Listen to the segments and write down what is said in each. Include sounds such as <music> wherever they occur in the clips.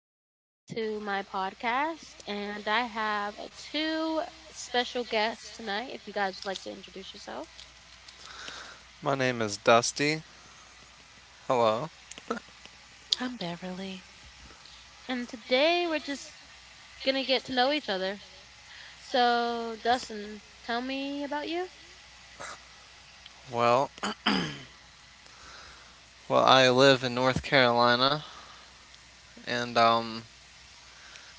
welcome back to my podcast. And I have two special guests tonight, if you guys would like to introduce yourselves. My name is Dusty. Hello. I'm Beverly. And today we're just going to get to know each other. So, Dustin, tell me about you. Well, well, I live in North Carolina, and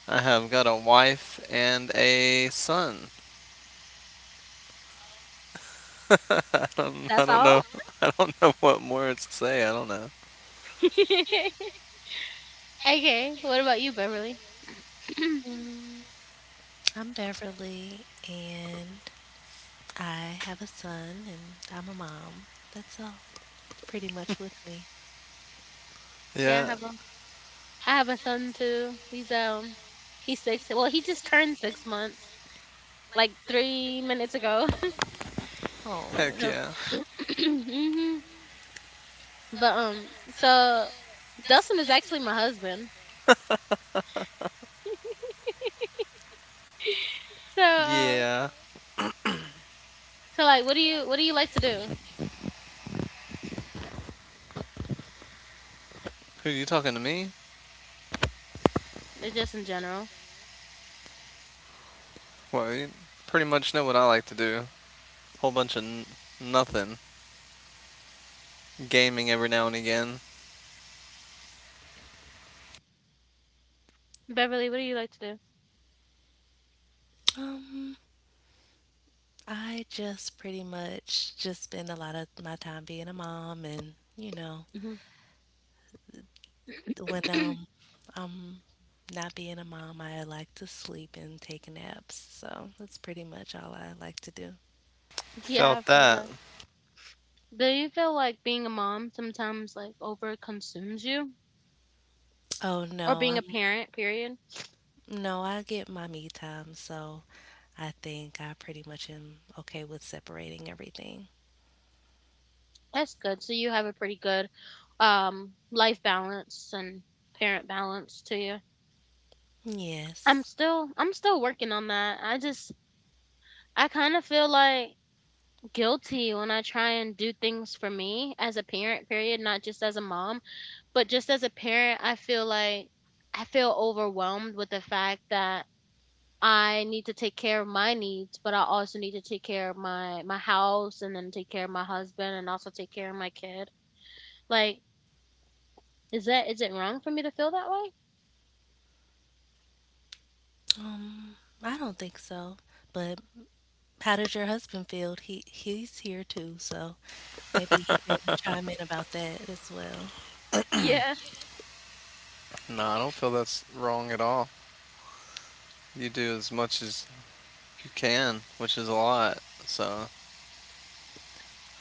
I have got a wife and a son. <laughs> I don't, I That's don't all. know, <laughs> I don't know what words to say. I don't know. <laughs> Okay, what about you, Beverly? <clears throat> Mm, I'm Beverly, and I have a son, and I'm a mom. That's all pretty much with me. Yeah, Yeah. I have a son too. He's six. Well, he just turned 6 months like 3 minutes ago. <laughs> Heck Oh, So, yeah. <clears throat> mhm. But so Dustin is actually my husband. So Yeah. Like, what do you like to do? Who are you talking to me? Just in general, Well, you pretty much know what I like to do. Whole bunch of nothing. Gaming every now and again. Beverly, what do you like to do? um, I just pretty much just spend a lot of my time being a mom, and you know, Hmm. when <clears throat> I'm not being a mom, I like to sleep and take naps. So that's pretty much all I like to do. Yeah, I Felt feel that. that. Do you feel like being a mom sometimes like over consumes you, Oh or being no. a parent? Period. No, I get my me time, so I think I pretty much am okay with separating everything. That's good. So you have a pretty good life balance and parent balance to you. Yes. I'm still working on that. I just I kind of feel like guilty when I try and do things for me as a parent, period, not just as a mom, but just as a parent. I feel like I feel overwhelmed with the fact that I need to take care of my needs, but I also need to take care of my house and then take care of my husband and also take care of my kid. Like, is that is it wrong for me to feel that way? Um, I don't think so. But how does your husband feel? He's here too, so maybe he can chime in about that as well. Yeah. No, I don't feel that's wrong at all. You do as much as you can, which is a lot. So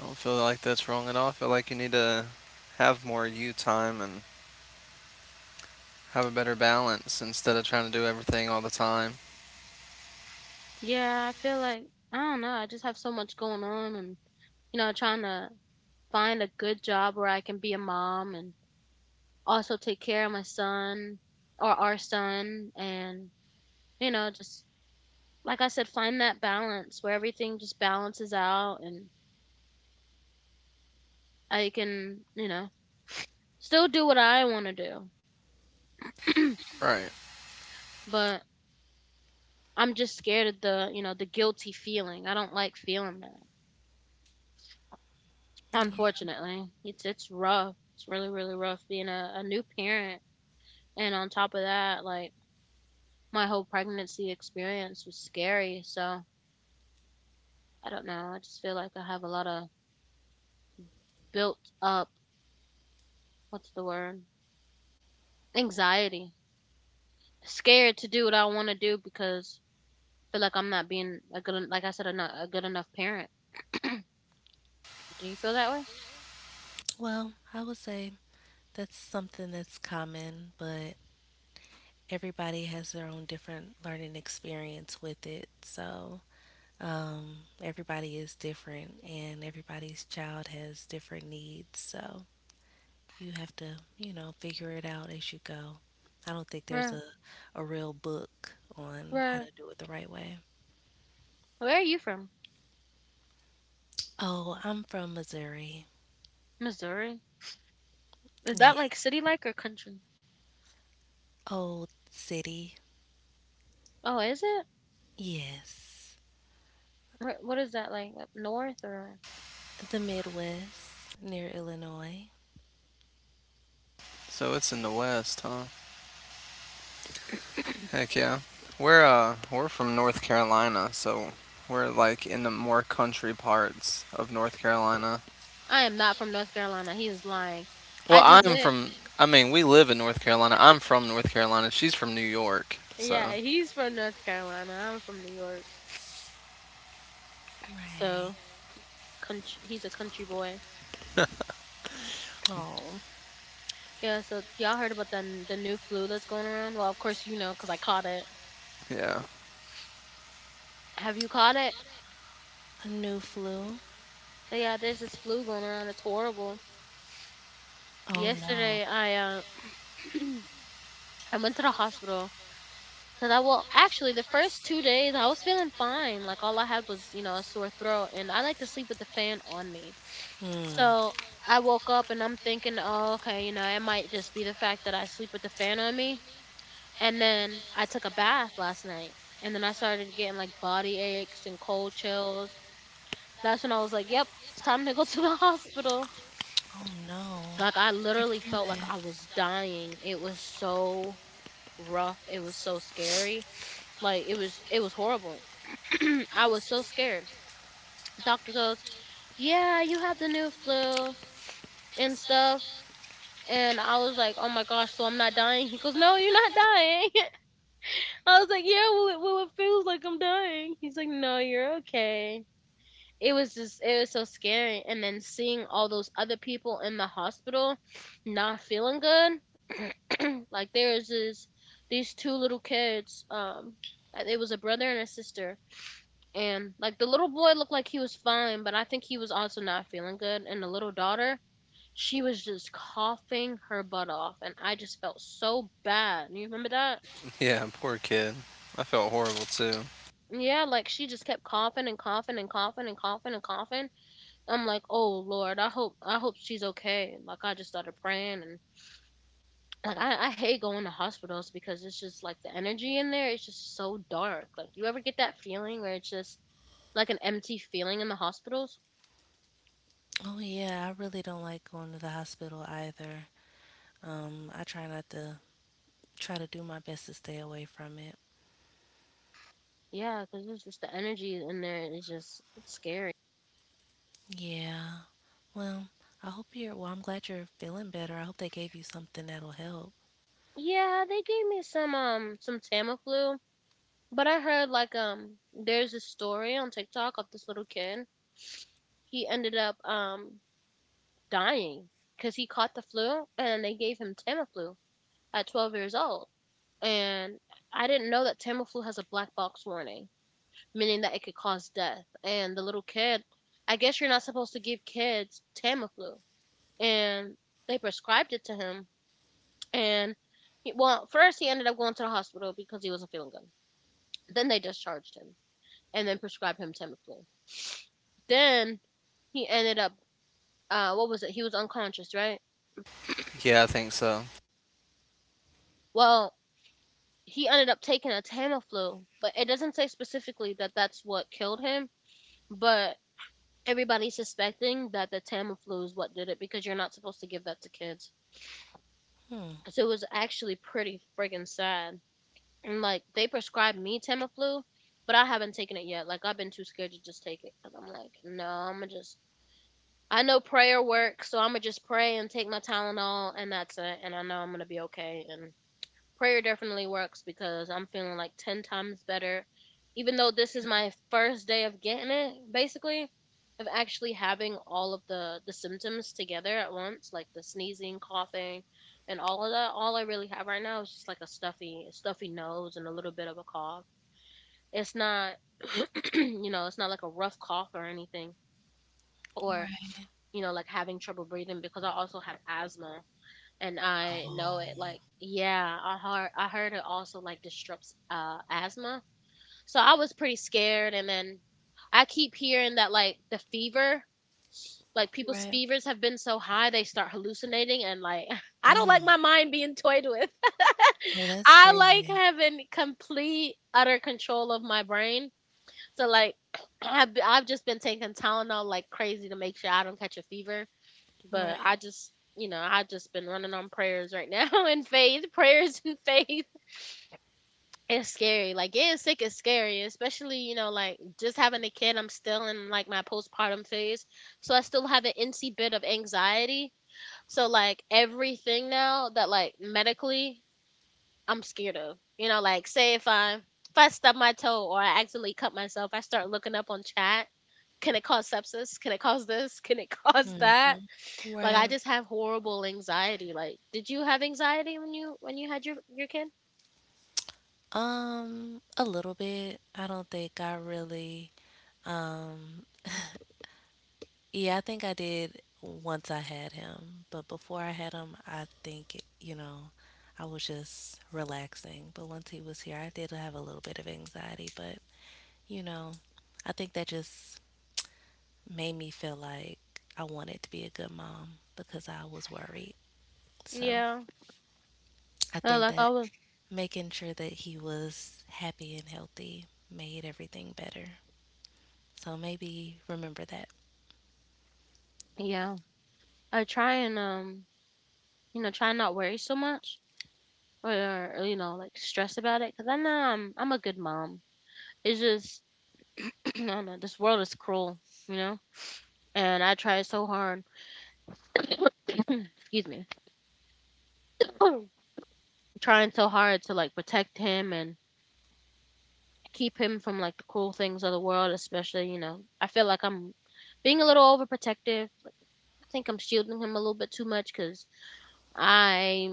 I don't feel like that's wrong at all. I feel like you need to have more you time and have a better balance instead of trying to do everything all the time. Yeah, I feel like I don't know, I just have so much going on, and you know, trying to find a good job where I can be a mom and also take care of my son or our son, and you know, just like I said, find that balance where everything just balances out, and I can, you know, still do what I want to do, Right. but I'm just scared of the, you know, the guilty feeling. I don't like feeling that. Unfortunately, it's rough. It's really really rough being a new parent, and on top of that, like my whole pregnancy experience was scary. So I don't know. I just feel like I have a lot of built up, what's the word? Anxiety. Scared to do what I want to do because I feel like I'm not being a good, like I said, a, not, a good enough parent. <clears throat> Do you feel that way? Well, I would say that's something that's common, but everybody has their own different learning experience with it. So, um, everybody is different and everybody's child has different needs. So, you have to, you know, figure it out as you go. I don't think there's Where, a real book on how to where, do it the right way. where are you from? Oh, I'm from Missouri. Missouri. Is that Yeah. like city like or country? Old city. Oh, is it? Yes. Where, what is that like? Up north or? The Midwest near Illinois. So it's in the West, huh? Heck yeah. We're from North Carolina, so we're like in the more country parts of North Carolina. I am not from North Carolina. He is lying. Well, I just I'm live. from— I mean, we live in North Carolina. I'm from North Carolina. She's from New York. So, Yeah, he's from North Carolina. I'm from New York. Right. So country, he's a country boy. Oh, Yeah. So y'all heard about the new flu that's going around? Well, of course you know because I caught it. yeah. <laughs> Have you caught it? a new flu. Yeah. There's this flu going around. It's horrible. Oh no. Yesterday, I <clears throat> I went to the hospital because I well actually the first 2 days I was feeling fine. Like all I had was, you know, a sore throat, and I like to sleep with the fan on me. Hmm. So I woke up and I'm thinking, oh okay, you know, it might just be the fact that I sleep with the fan on me. And then I took a bath last night, and then I started getting like body aches and cold chills. That's when I was like, "Yep, it's time to go to the <laughs> hospital." Oh no. Like I Sorry to literally hear felt like that. I was dying. It was so rough. It was so scary. Like it was horrible. <clears throat> I was so scared. Doctor goes, "Yeah, you have the new flu and stuff." And I was like, "Oh my gosh, so I'm not dying?" He goes, "No, you're not dying." I was like, yeah, well, it feels like I'm dying. He's like, no, you're okay. It was just, it was so scary. And then seeing all those other people in the hospital not feeling good. Like, there was these two little kids. It was a brother and a sister. And, like, the little boy looked like he was fine, but I think he was also not feeling good. And the little daughter, she was just coughing her butt off. And I just felt so bad. You remember that? Yeah, poor kid. I felt horrible too. Yeah, like she just kept coughing and coughing and coughing and coughing and coughing. I'm like, oh Lord, I hope she's okay. Like I just started praying, and like I hate going to hospitals because it's just like the energy in there is just so dark. Like do you ever get that feeling where it's just like an empty feeling in the hospitals? Oh yeah, I really don't like going to the hospital either. I try not to try to do my best to stay away from it. Yeah, because it's just the energy in there, is just it's scary. Yeah. Well, I'm glad you're feeling better. I hope they gave you something that'll help. Yeah, they gave me some Tamiflu, but I heard like there's a story on TikTok of this little kid. He ended up dying because he caught the flu and they gave him Tamiflu at 12 years old. And I didn't know that Tamiflu has a black box warning, meaning that it could cause death. And the little kid, I guess you're not supposed to give kids Tamiflu. And they prescribed it to him. And he, well, first he ended up going to the hospital because he wasn't feeling good. Then they discharged him and then prescribed him Tamiflu. Then he ended up, what was it? He was unconscious, right? Yeah, I think so. Well, he ended up taking a Tamiflu, but it doesn't say specifically that that's what killed him. But everybody's suspecting that the Tamiflu is what did it because you're not supposed to give that to kids. Hmm. So it was actually pretty friggin' sad. And like they prescribed me Tamiflu, but I haven't taken it yet. Like I've been too scared to just take it. And I'm like, no, I'm gonna just. I know prayer works, so I'm gonna just pray and take my Tylenol, and that's it. And I know I'm gonna be okay. And prayer definitely works because I'm feeling like 10 times better. Even though this is my first day of getting it, basically, of actually having all of the symptoms together at once, like the sneezing, coughing, and all of that, all I really have right now is just like a stuffy nose and a little bit of a cough. It's not, <clears throat> you know, it's not like a rough cough or anything, or, Right. you know, like having trouble breathing because I also have asthma and I know Oh. it. Like, yeah, I heard it also like disrupts asthma. So I was pretty scared, and then I keep hearing that like the fever, like people's Right. fevers have been so high they start hallucinating, and like <laughs> I don't like my Mm. mind being toyed with. Oh, <laughs> that's I like crazy. having complete utter control of my brain. So like <clears throat> I've just been taking Tylenol like crazy to make sure I don't catch a fever, but I Right. just, you know, I just been running on prayers right now <laughs> and faith, prayers and faith. It's scary. Like getting sick is scary, especially, you know, like just having a kid. I'm still in like my postpartum phase, so I still have an NC bit of anxiety. So like everything now that, like, medically I'm scared of. You know, like say if I stub my toe or I accidentally cut myself, I start looking up on chat. Can it cause sepsis? Can it cause this? Can it <laughs> cause that? Mhm. Like I Right. just have horrible anxiety. Like, did you have anxiety when you had your kid? A little bit. I don't think I really um yeah, I think I did once I had him, but before I had him, I think, you know, I was just relaxing. But once he was here, I did have a little bit of anxiety, but you know, I think that just made me feel like I wanted to be a good mom because I was worried. So Yeah. I Uh, think like I that was, making sure that he was happy and healthy made everything better. So maybe remember that. yeah. I try and you know, try and not worry so much, or, or, you know, like stress about it, because I know I'm a good mom. It's just <clears throat> I don't know. This world is cruel, you know, and I try so hard. Excuse me. <clears throat> Trying so hard to like protect him and keep him from like the cruel things of the world, especially, you know, I feel like I'm being a little overprotective. I think I'm shielding him a little bit too much, cuz I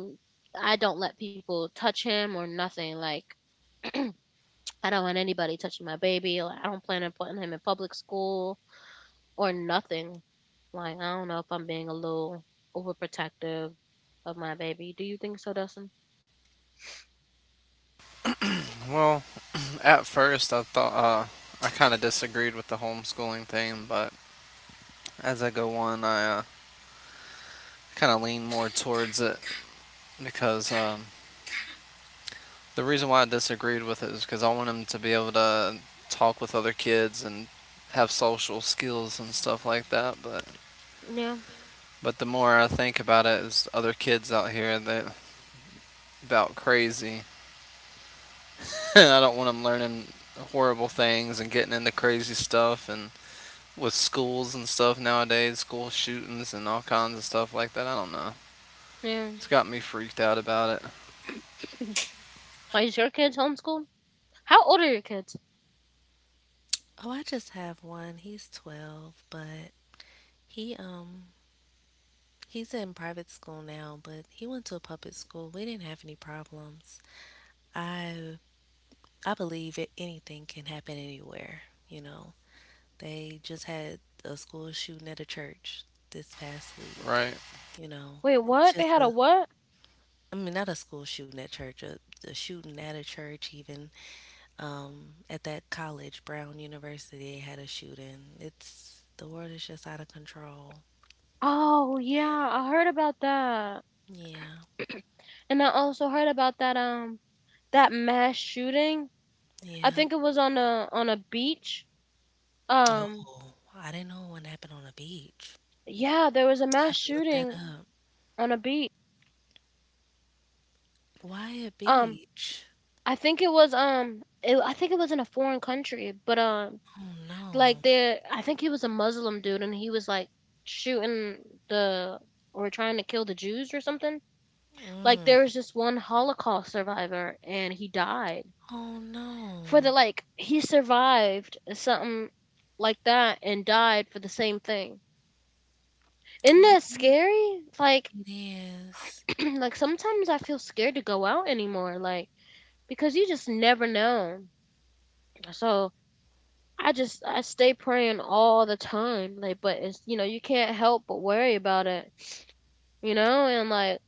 I don't let people touch him or nothing. Like I don't want anybody touching my baby. Like I don't plan on putting him in public school or nothing. Like I don't know if I'm being a little overprotective of my baby. Do you think so, Dustin? Well, at first I thought I kind of disagreed with the homeschooling thing, but as I go on, I kind of lean more towards it because the reason why I disagreed with it is because I want them to be able to talk with other kids and have social skills and stuff like that. But Yeah. but the more I think about it, is other kids out here that about crazy. <laughs> And I don't want them learning horrible things and getting into crazy stuff and with schools and stuff nowadays, school shootings and all kinds of stuff like that. I don't know. Yeah. It's got me freaked out about it, <clears throat> Why is your kids homeschooled? How old are your kids? Oh, I just have one. He's 12, but he he's in private school now, but he went to a public school. We didn't have any problems. I I believe it, anything can happen anywhere, you know. They just had a school shooting at a church this past week. right? You know, Wait, it's what? They just had a what? I mean, not a school shooting at church, a shooting at a church, even at that college, Brown University, they had a shooting. It's, the world is just out of control. Oh yeah, Yeah. I heard about that. Yeah. <clears throat> And I also heard about that that mass shooting. I Yeah. think it was on a beach. Um Oh, I didn't know one happened on a beach. yeah, there was a I mass have to look that shooting up. on a beach. Why a Um beach? I think it was I think it was in a foreign country, but Oh like no. there I think he was a Muslim dude and he was like shooting the or trying to kill the Jews or something. Like Mm. there was just one Holocaust survivor and he died Oh for the no. like he survived something like that and died for the same thing. Isn't that scary? Like It is. <clears throat> like sometimes I feel scared to go out anymore, like because you just never know. So I just I stay praying all the time, like but it's you can't help but worry about it. You know, and like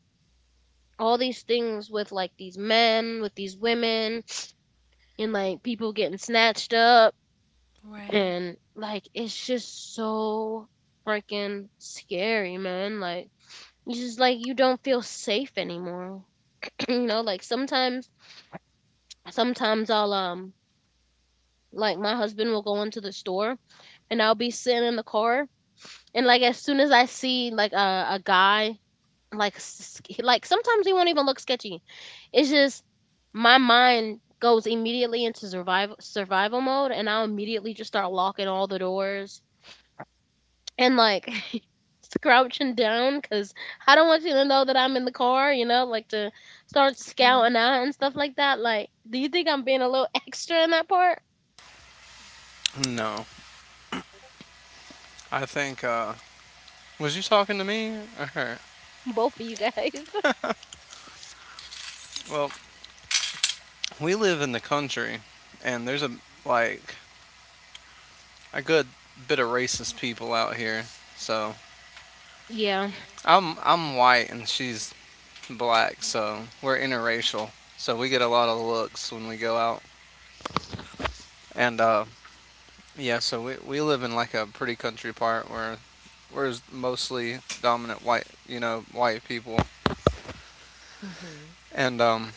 all these things with like these men, with these women, and like people getting snatched up Right. and like it's just so freaking scary, man. Like it's just like you don't feel safe anymore. <clears throat> You know, like sometimes I'll like my husband will go into the store and I'll be sitting in the car, and like as soon as I see like a guy, like like sometimes he won't even look sketchy. It's just my mind goes immediately into survival mode, and I'll immediately just start locking all the doors and like <laughs> crouching down because I don't want you to know that I'm in the car. You know, like to start Yeah. scouting out and stuff like that. Like, do you think I'm being a little <laughs> extra in that part? No. I think, was you talking to me or her? Both of you guys. <laughs> Well, we live in the country and there's like, a good bit of racist people out here. So yeah, I'm white and she's black, so we're interracial. So we get a lot of looks when we go out. And, yeah, so we live in like a pretty country part where whereas mostly dominant white, you know, white people. Hmm. And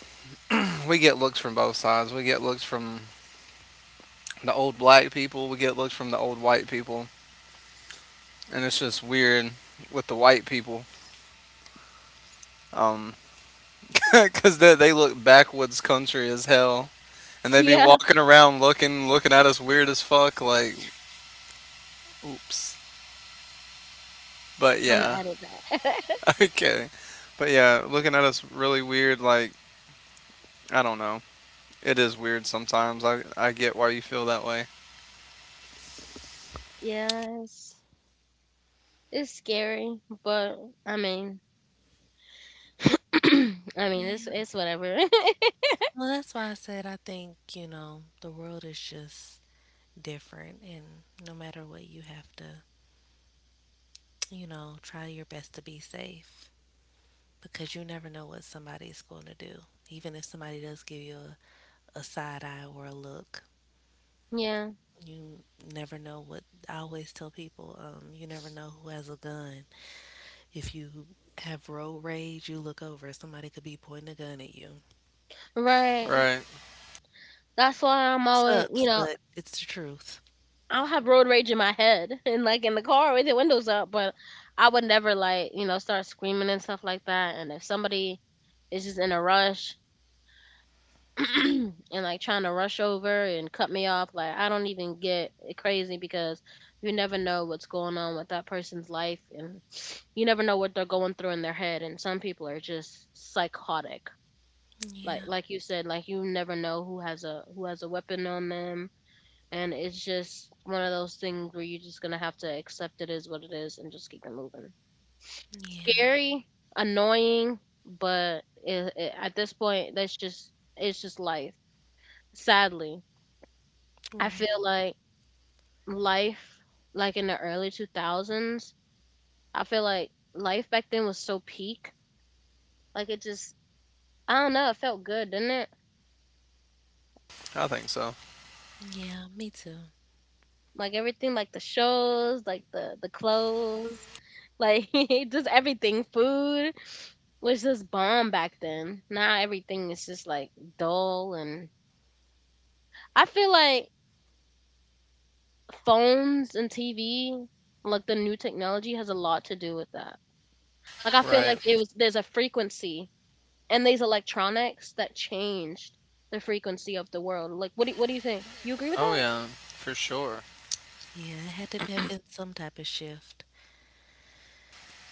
we get looks from both sides. We get looks from the old black people. We get looks from the old white people. And it's just weird with the white people. Um, <laughs> because they look backwoods country as hell. And they be yeah. walking around looking at us weird as fuck. Like, oops. But I'm gonna yeah. edit that. <laughs> <laughs> Okay. But yeah, looking at us really weird. Like, I don't know. It is weird sometimes. I get why you feel that way. Yeah, it's scary, but I mean, <clears throat> I mean, Yeah. it's whatever. <laughs> Well, that's why I said I think, you know, the world is just different. And no matter what, you have to, you know, try your best to be safe because you never know what somebody's going to do. Even if somebody does give you a side eye or a look, Yeah, you never know what. I always tell people, you never know who has a gun. If you have road rage, you look over, somebody could be pointing a gun at you. right. Right. That's why I'm always, you Sucks, know, but it's the truth. I'll have road rage in my head <laughs> and like in the car with the windows up, but I would never like, you know, start screaming and stuff like that. And if somebody is just in a rush <clears throat> and like trying to rush over and cut me off, like I don't even get crazy because you never know what's going on with that person's life, and <sniffs> you never know what they're going through in their head. And some people are just psychotic. like Yeah, like you said, like you never know who has a weapon on them, and it's just one of those things where you're just gonna have to accept it is what it is and just keep it moving. yeah, Scary, annoying, but at this point that's just it's just life, sadly. I right. feel like life, like in the early 2000s, I feel like life back then was so peak. Like it just, I don't know, it felt good, didn't it? I think so. Yeah, me too. Like everything, like the shows, like the clothes, like <laughs> just everything. Food was just bomb back then. Now everything is just like dull, and I feel like phones and TV, like the new technology, has a lot to do with that. Like I feel Right. like there's a frequency and these electronics that changed the frequency of the world. Like what do you think? You agree with Oh, that? yeah, for sure. Yeah, it had to have been some type of shift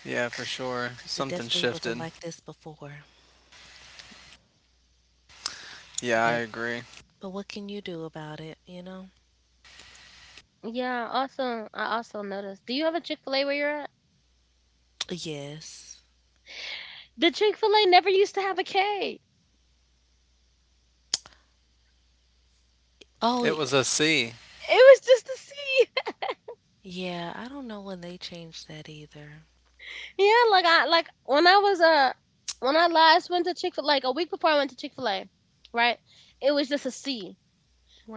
Yeah, for sure. because it Something definitely wasn't shifted. like this before. Yeah, I But agree. What can you do about it, you know? Yeah, also I also noticed. Do you have a Chick Fil A where you're at? Yes. The Chick Fil A never used to have a K. Oh, It was a C. It was just a C. yeah, I don't know when they changed that either. <laughs> Yeah, like I like when I was when I last went to Chick Fil, like a week before I went to Chick Fil A, right? It was just a C.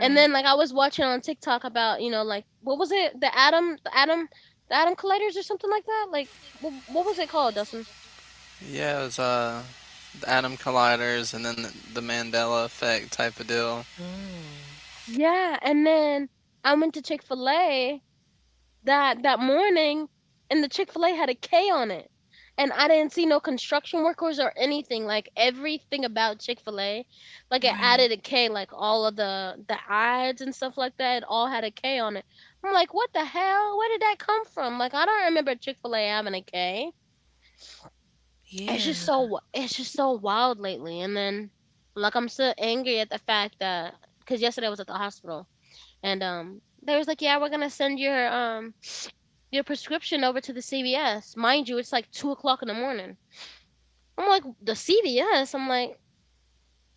And then like I was watching on TikTok about, you know, like what was it, the atom the atom colliders or something like that, like what was it called, Dustin? Yeah, it was the atom colliders and then the Mandela effect type of deal. Mm, Yeah, and then I went to Chick Fil A that morning, and the Chick-fil-A had a K on it. And I didn't see no construction workers or anything. Like everything about Chick-fil-A, like it right. added a K, like all of the ads and stuff like that, it all had a K on it. I'm like, what the hell? Where did that come from? Like, I don't remember Chick-fil-A having a K. It's just Yeah, so it's just so wild lately. And then like I'm still angry at the fact that because yesterday I was at the hospital, and they was like, yeah, we're gonna send your prescription over to the CVS. Mind you, it's like 2 o'clock in the morning. I'm like, the CVS? I'm like,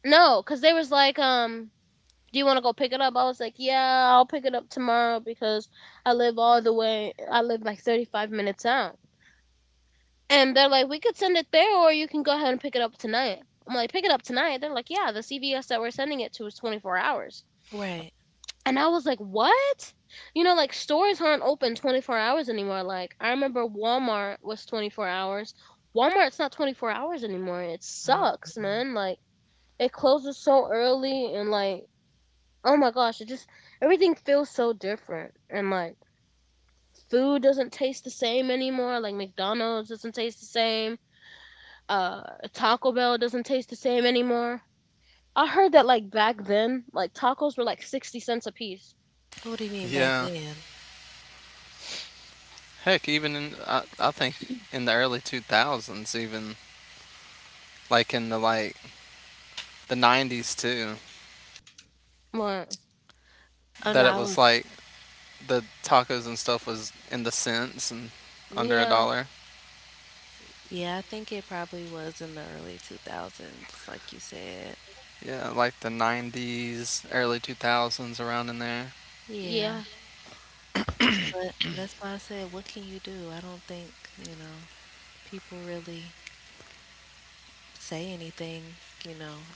no, because they was like, do you want to go pick it up? I was like, yeah, I'll pick it up tomorrow because I live all the way, I live like 35 minutes out. And they're like, we could send it there or you can go ahead and pick it up tonight. I'm like, pick it up tonight. They're like, yeah, the CVS that we're sending it to is 24 hours. right. And I was like, "What?" You know, like stores aren't open 24 hours anymore. Like I remember Walmart was 24 hours. Walmart's not 24 hours anymore. It sucks, Mm-mm. man. Like it closes so early, and like, oh my gosh, it just everything feels so different. And like food doesn't taste the same anymore. Like McDonald's doesn't taste the same. Uh Taco Bell doesn't taste the same anymore. I heard that like back then, like tacos were like 60¢ a piece. What do you mean back Yeah. then? Heck, even in, I think in the early 2000s, even like in the like the 90s too, But Oh no, that it I was was like the tacos and stuff was in the cents and under a yeah. dollar. Yeah, I think it probably was in the early 2000s like you said. Yeah, like the 90s, early 2000s, around in there. Yeah. Yeah, But that's why I said, what can you do? I don't think, you know, people really say anything, you know,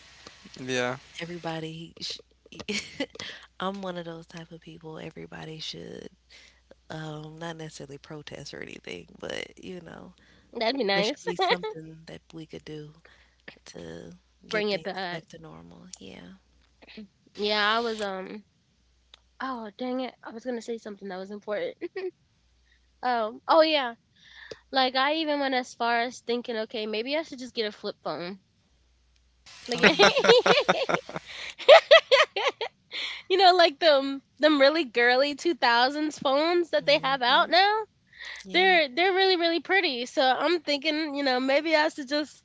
Yeah. everybody sh- <laughs> I'm one of those type of people. Everybody should not necessarily protest or anything, but you know, that'd be there should nice. be something that we could do to <laughs> get Bring it things back. back to normal. Yeah. Yeah, I was oh dang it. I was gonna say something that was important. <laughs> Oh yeah. Like I even went as far as thinking, okay, maybe I should just get a flip phone. Oh Like yeah. <laughs> you know, like them really girly two thousands phones that they have out Hmm. now. Yeah. They're really, really pretty. So I'm thinking, you know, maybe I should just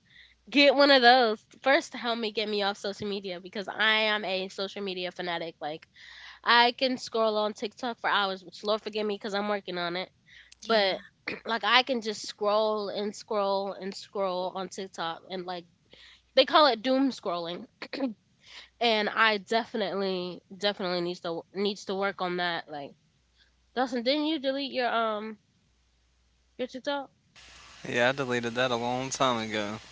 get one of those first to help me get me off social media because I am a social media fanatic. Like I can scroll on TikTok for hours, which Lord forgive me because I'm working on it. Yeah. But <clears throat> like I can just scroll on TikTok, and like they call it doom scrolling. And I definitely needs to work on that. Like Dustin, didn't you delete your TikTok? Yeah, I deleted that a long time ago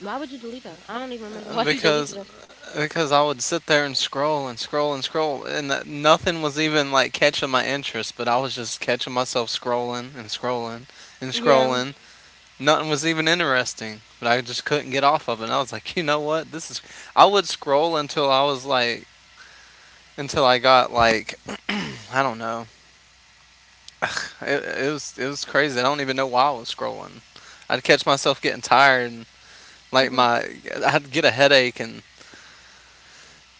Why would you delete it? I don't even remember why you deleted because it. because I would sit there and scroll and scroll and scroll and that nothing was even like catching my interest, but I was just catching myself scrolling and scrolling and Yeah. scrolling. Nothing was even interesting, but I just couldn't get off of it. And I was like, you know what? This is. I would scroll until I was like until I got like, I don't know. It was it was crazy. I don't even know why I was scrolling. I'd catch myself getting tired and like Mhm. my— I'd get a headache and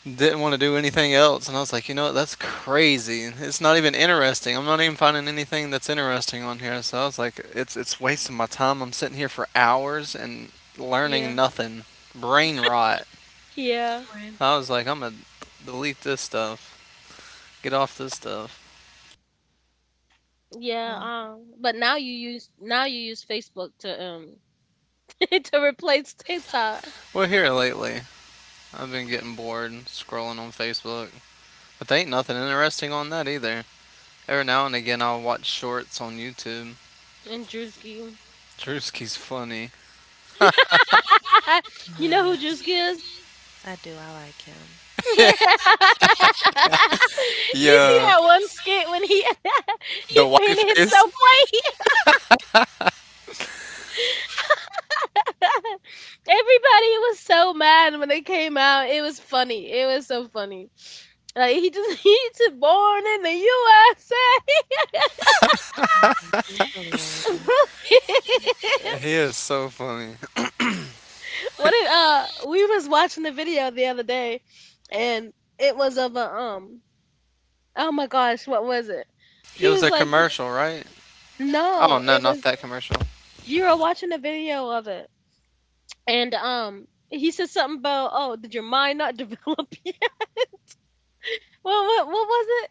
didn't want to do anything else. And I was like, you know what? That's crazy. It's not even interesting. I'm not even finding anything that's interesting on here. So I was like, it's wasting my time. I'm sitting here for hours and Yeah. learning nothing. Brain rot. Yeah. Right. I was like, I'm gonna delete this stuff. Get off this stuff. Yeah. Well, But now you use Facebook to <laughs> to replace TikTok. Well, here lately, I've been getting bored scrolling on Facebook, but there ain't nothing interesting on that either. Every now and again, I'll watch shorts on YouTube. And Drewski. Drewski's funny. <laughs> oh You know yeah. who Drewski is? <laughs> I do. I like him. <laughs> Yeah. You He's see that one skit when he <laughs> The he white painted face. himself white? <laughs> Everybody was so mad when it came out. It was funny. It was so funny. Like he just <laughs> he just born in the USA. Yeah, he's hilarious. <laughs> <laughs> He is so funny. What did we was watching the video the other day, and it was of a oh my gosh, what was it? It He was was a like, "Th— " commercial, right? Oh No, no, it not was that commercial. you were watching a video of it. And, he said something about, "Oh, did your mind not develop <laughs> yet?" Well, what was it?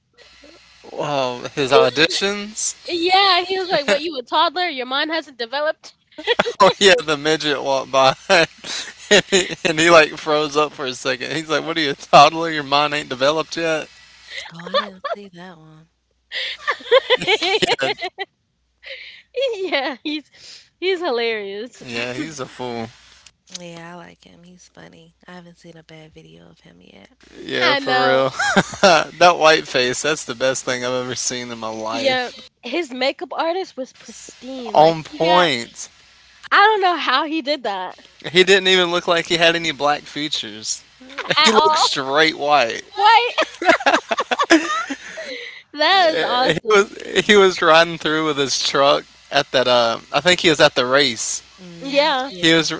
Whoa, his He, auditions. <laughs> yeah, he was like, "What, you a toddler? Your mind hasn't developed?" Oh yeah, the midget walked by, <laughs> and he like froze up for a second. He's like, "What are you, a toddler? Your mind ain't developed yet." Oh, I didn't see that one. And <laughs> Yeah, he's hilarious. yeah, he's a fool. Yeah, I like him. He's funny. I haven't seen a bad video of him yet. Yeah, I for real. know. <laughs> That white face. That's the best thing I've ever seen in my Yeah. life. His makeup artist was pristine, like, On he got— point. I don't know how he did that He didn't even look like he had any black features. <laughs> He at all. <laughs> looked All. straight white. Right? <laughs> That is He was awesome. he was riding through with his truck at that. I think he was at the race. Hmm. Yeah. He Yeah, was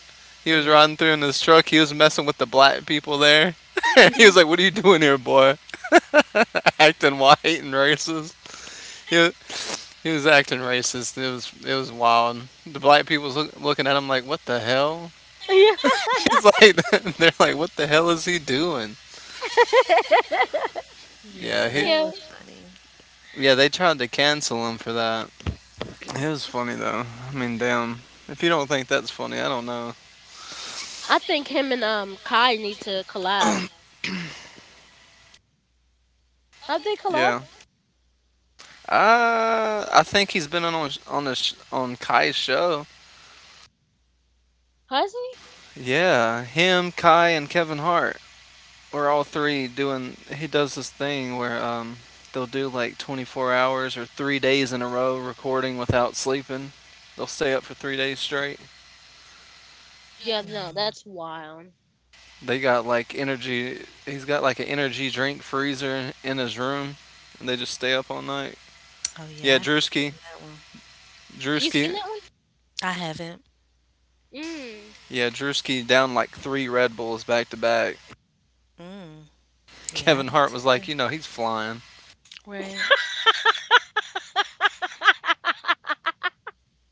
he the was riding race. through in his truck. He was messing with the black people there. <laughs> He was Mhm. like, "What are you doing here, boy? <laughs> Acting white and racist." He was, he was acting racist. It was wild. The black people was looking at him like, "What the hell?" Yeah. <laughs> He's like, <laughs> "They're like, what the hell is he doing?" <laughs> Yeah, Yeah, he— that Yeah. was funny. yeah, they tried to cancel him for that. It was funny though. I mean, damn. If you don't think that's funny, I don't know. I think him and Kai need to collab. Have they collab? Yeah. I think he's been on the on Kai's show. Has he? Yeah, him, Kai, and Kevin Hart. We're all three doing. He does this thing where they'll do like 24 hours or 3 days in a row recording without sleeping. They'll stay up for 3 days straight. Yeah, no, Mm. that's wild. They got like energy. He's got like an energy drink freezer in his room, and they just stay up all night. Oh yeah, I Yeah, haven't seen that one. You Drewski. seen that I haven't. one? Mm. Yeah, Drewski down like three Red Bulls back to back. Mm. Yeah, I Kevin didn't Hart was see like, that. you know, he's flying. <laughs> Right.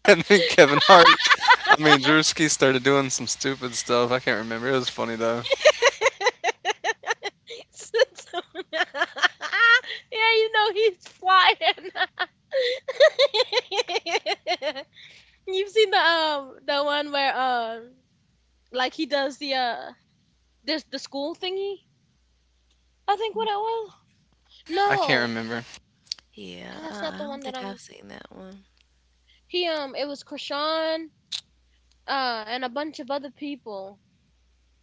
And then Kevin Hart, <laughs> I mean, <laughs> Drewski started doing some stupid stuff. I can't remember. It was funny though. Sits on— <laughs> yeah, you know he's flying. <laughs> You've seen the one where like he does the this the school thingy, I think what I was. I can't No, remember. Yeah, no, that's I not the don't one that think I've I'm. seen that one. He it was Krishan, and a bunch of other people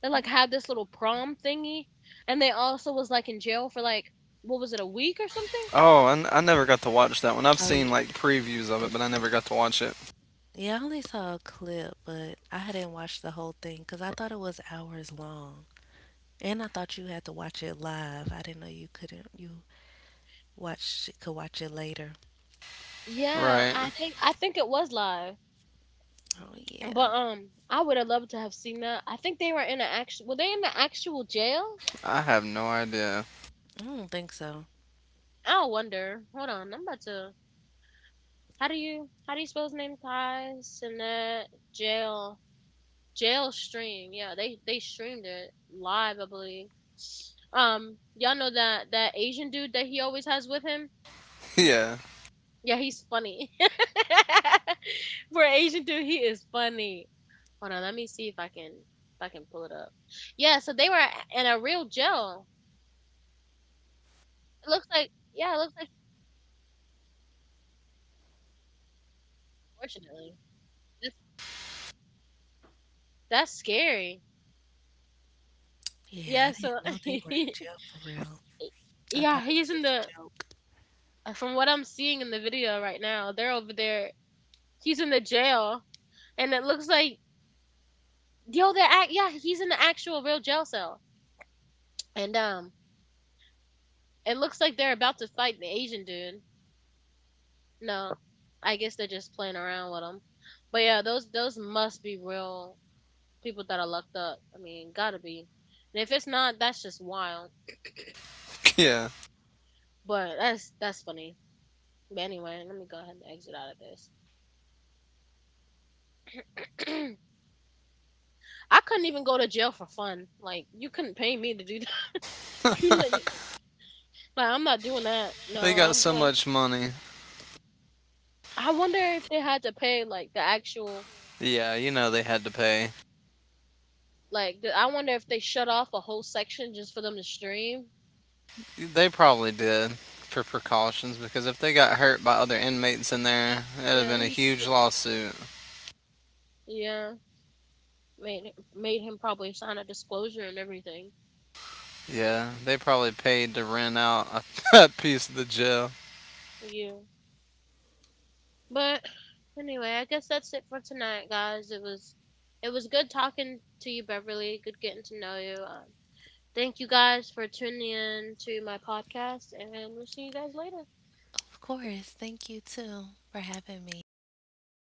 that like had this little prom thingy, and they also was like in jail for like what was it, a week or something? Oh, I never got to watch that one. I've Oh seen yeah. like previews of it, but I never got to watch it. Yeah, I only saw a clip, but I hadn't watched the whole thing because I thought it was hours long, and I thought you had to watch it live. I didn't know you couldn't. You watch could watch it later. Yeah, Right. I think it was live, Oh yeah. but I would have loved to have seen that. I think they were in an actual. Were they in the actual jail? I have no idea. I don't think so. I wonder. Hold on, I'm about to. How do you spell his name? Kai Sinet Jail. Jail stream. Yeah, they streamed it live, I believe. Y'all know that that Asian dude that he always has with him. Yeah. Yeah, he's funny. <laughs> For an Asian dude, he is funny. Hold on, let me see if I can pull it up. Yeah, so they were in a real jail. It looks like, yeah, it looks like fortunately. That's that's scary. Yeah, I Yeah, so didn't know they were in <laughs> jail for real. I yeah, thought it was he's in just a the— joke. from what I'm seeing in the video right now, they're over there. He's in the jail, and it looks like, yo, they're yeah, he's in the actual real jail cell, and it looks like they're about to fight the Asian dude. No, I guess they're just playing around with him. But yeah, those must be real people that are locked up. I mean, gotta be. And if it's not, that's just wild. Yeah. But that's funny. But anyway, let me go ahead and exit out of this. <clears throat> I couldn't even go to jail for fun. Like you couldn't pay me to do that. <laughs> You know, <laughs> you— like I'm not doing that. No, They got I'm so good. much money. I wonder if they had to pay like the actual Yeah, you know they had to pay. like I wonder if they shut off a whole section just for them to stream. They probably did for precautions because if they got hurt by other inmates in there, it'd have been Yeah, a he huge lawsuit. yeah made him probably sign a disclosure and everything. Yeah, they probably paid to rent out a <laughs> piece of the jail. Yeah, but anyway, I guess that's it for tonight, guys. It was good talking to you, Beverly. Good getting to know you. Thank you guys for tuning in to my podcast, and we'll see you guys later. Of course, thank you too for having me.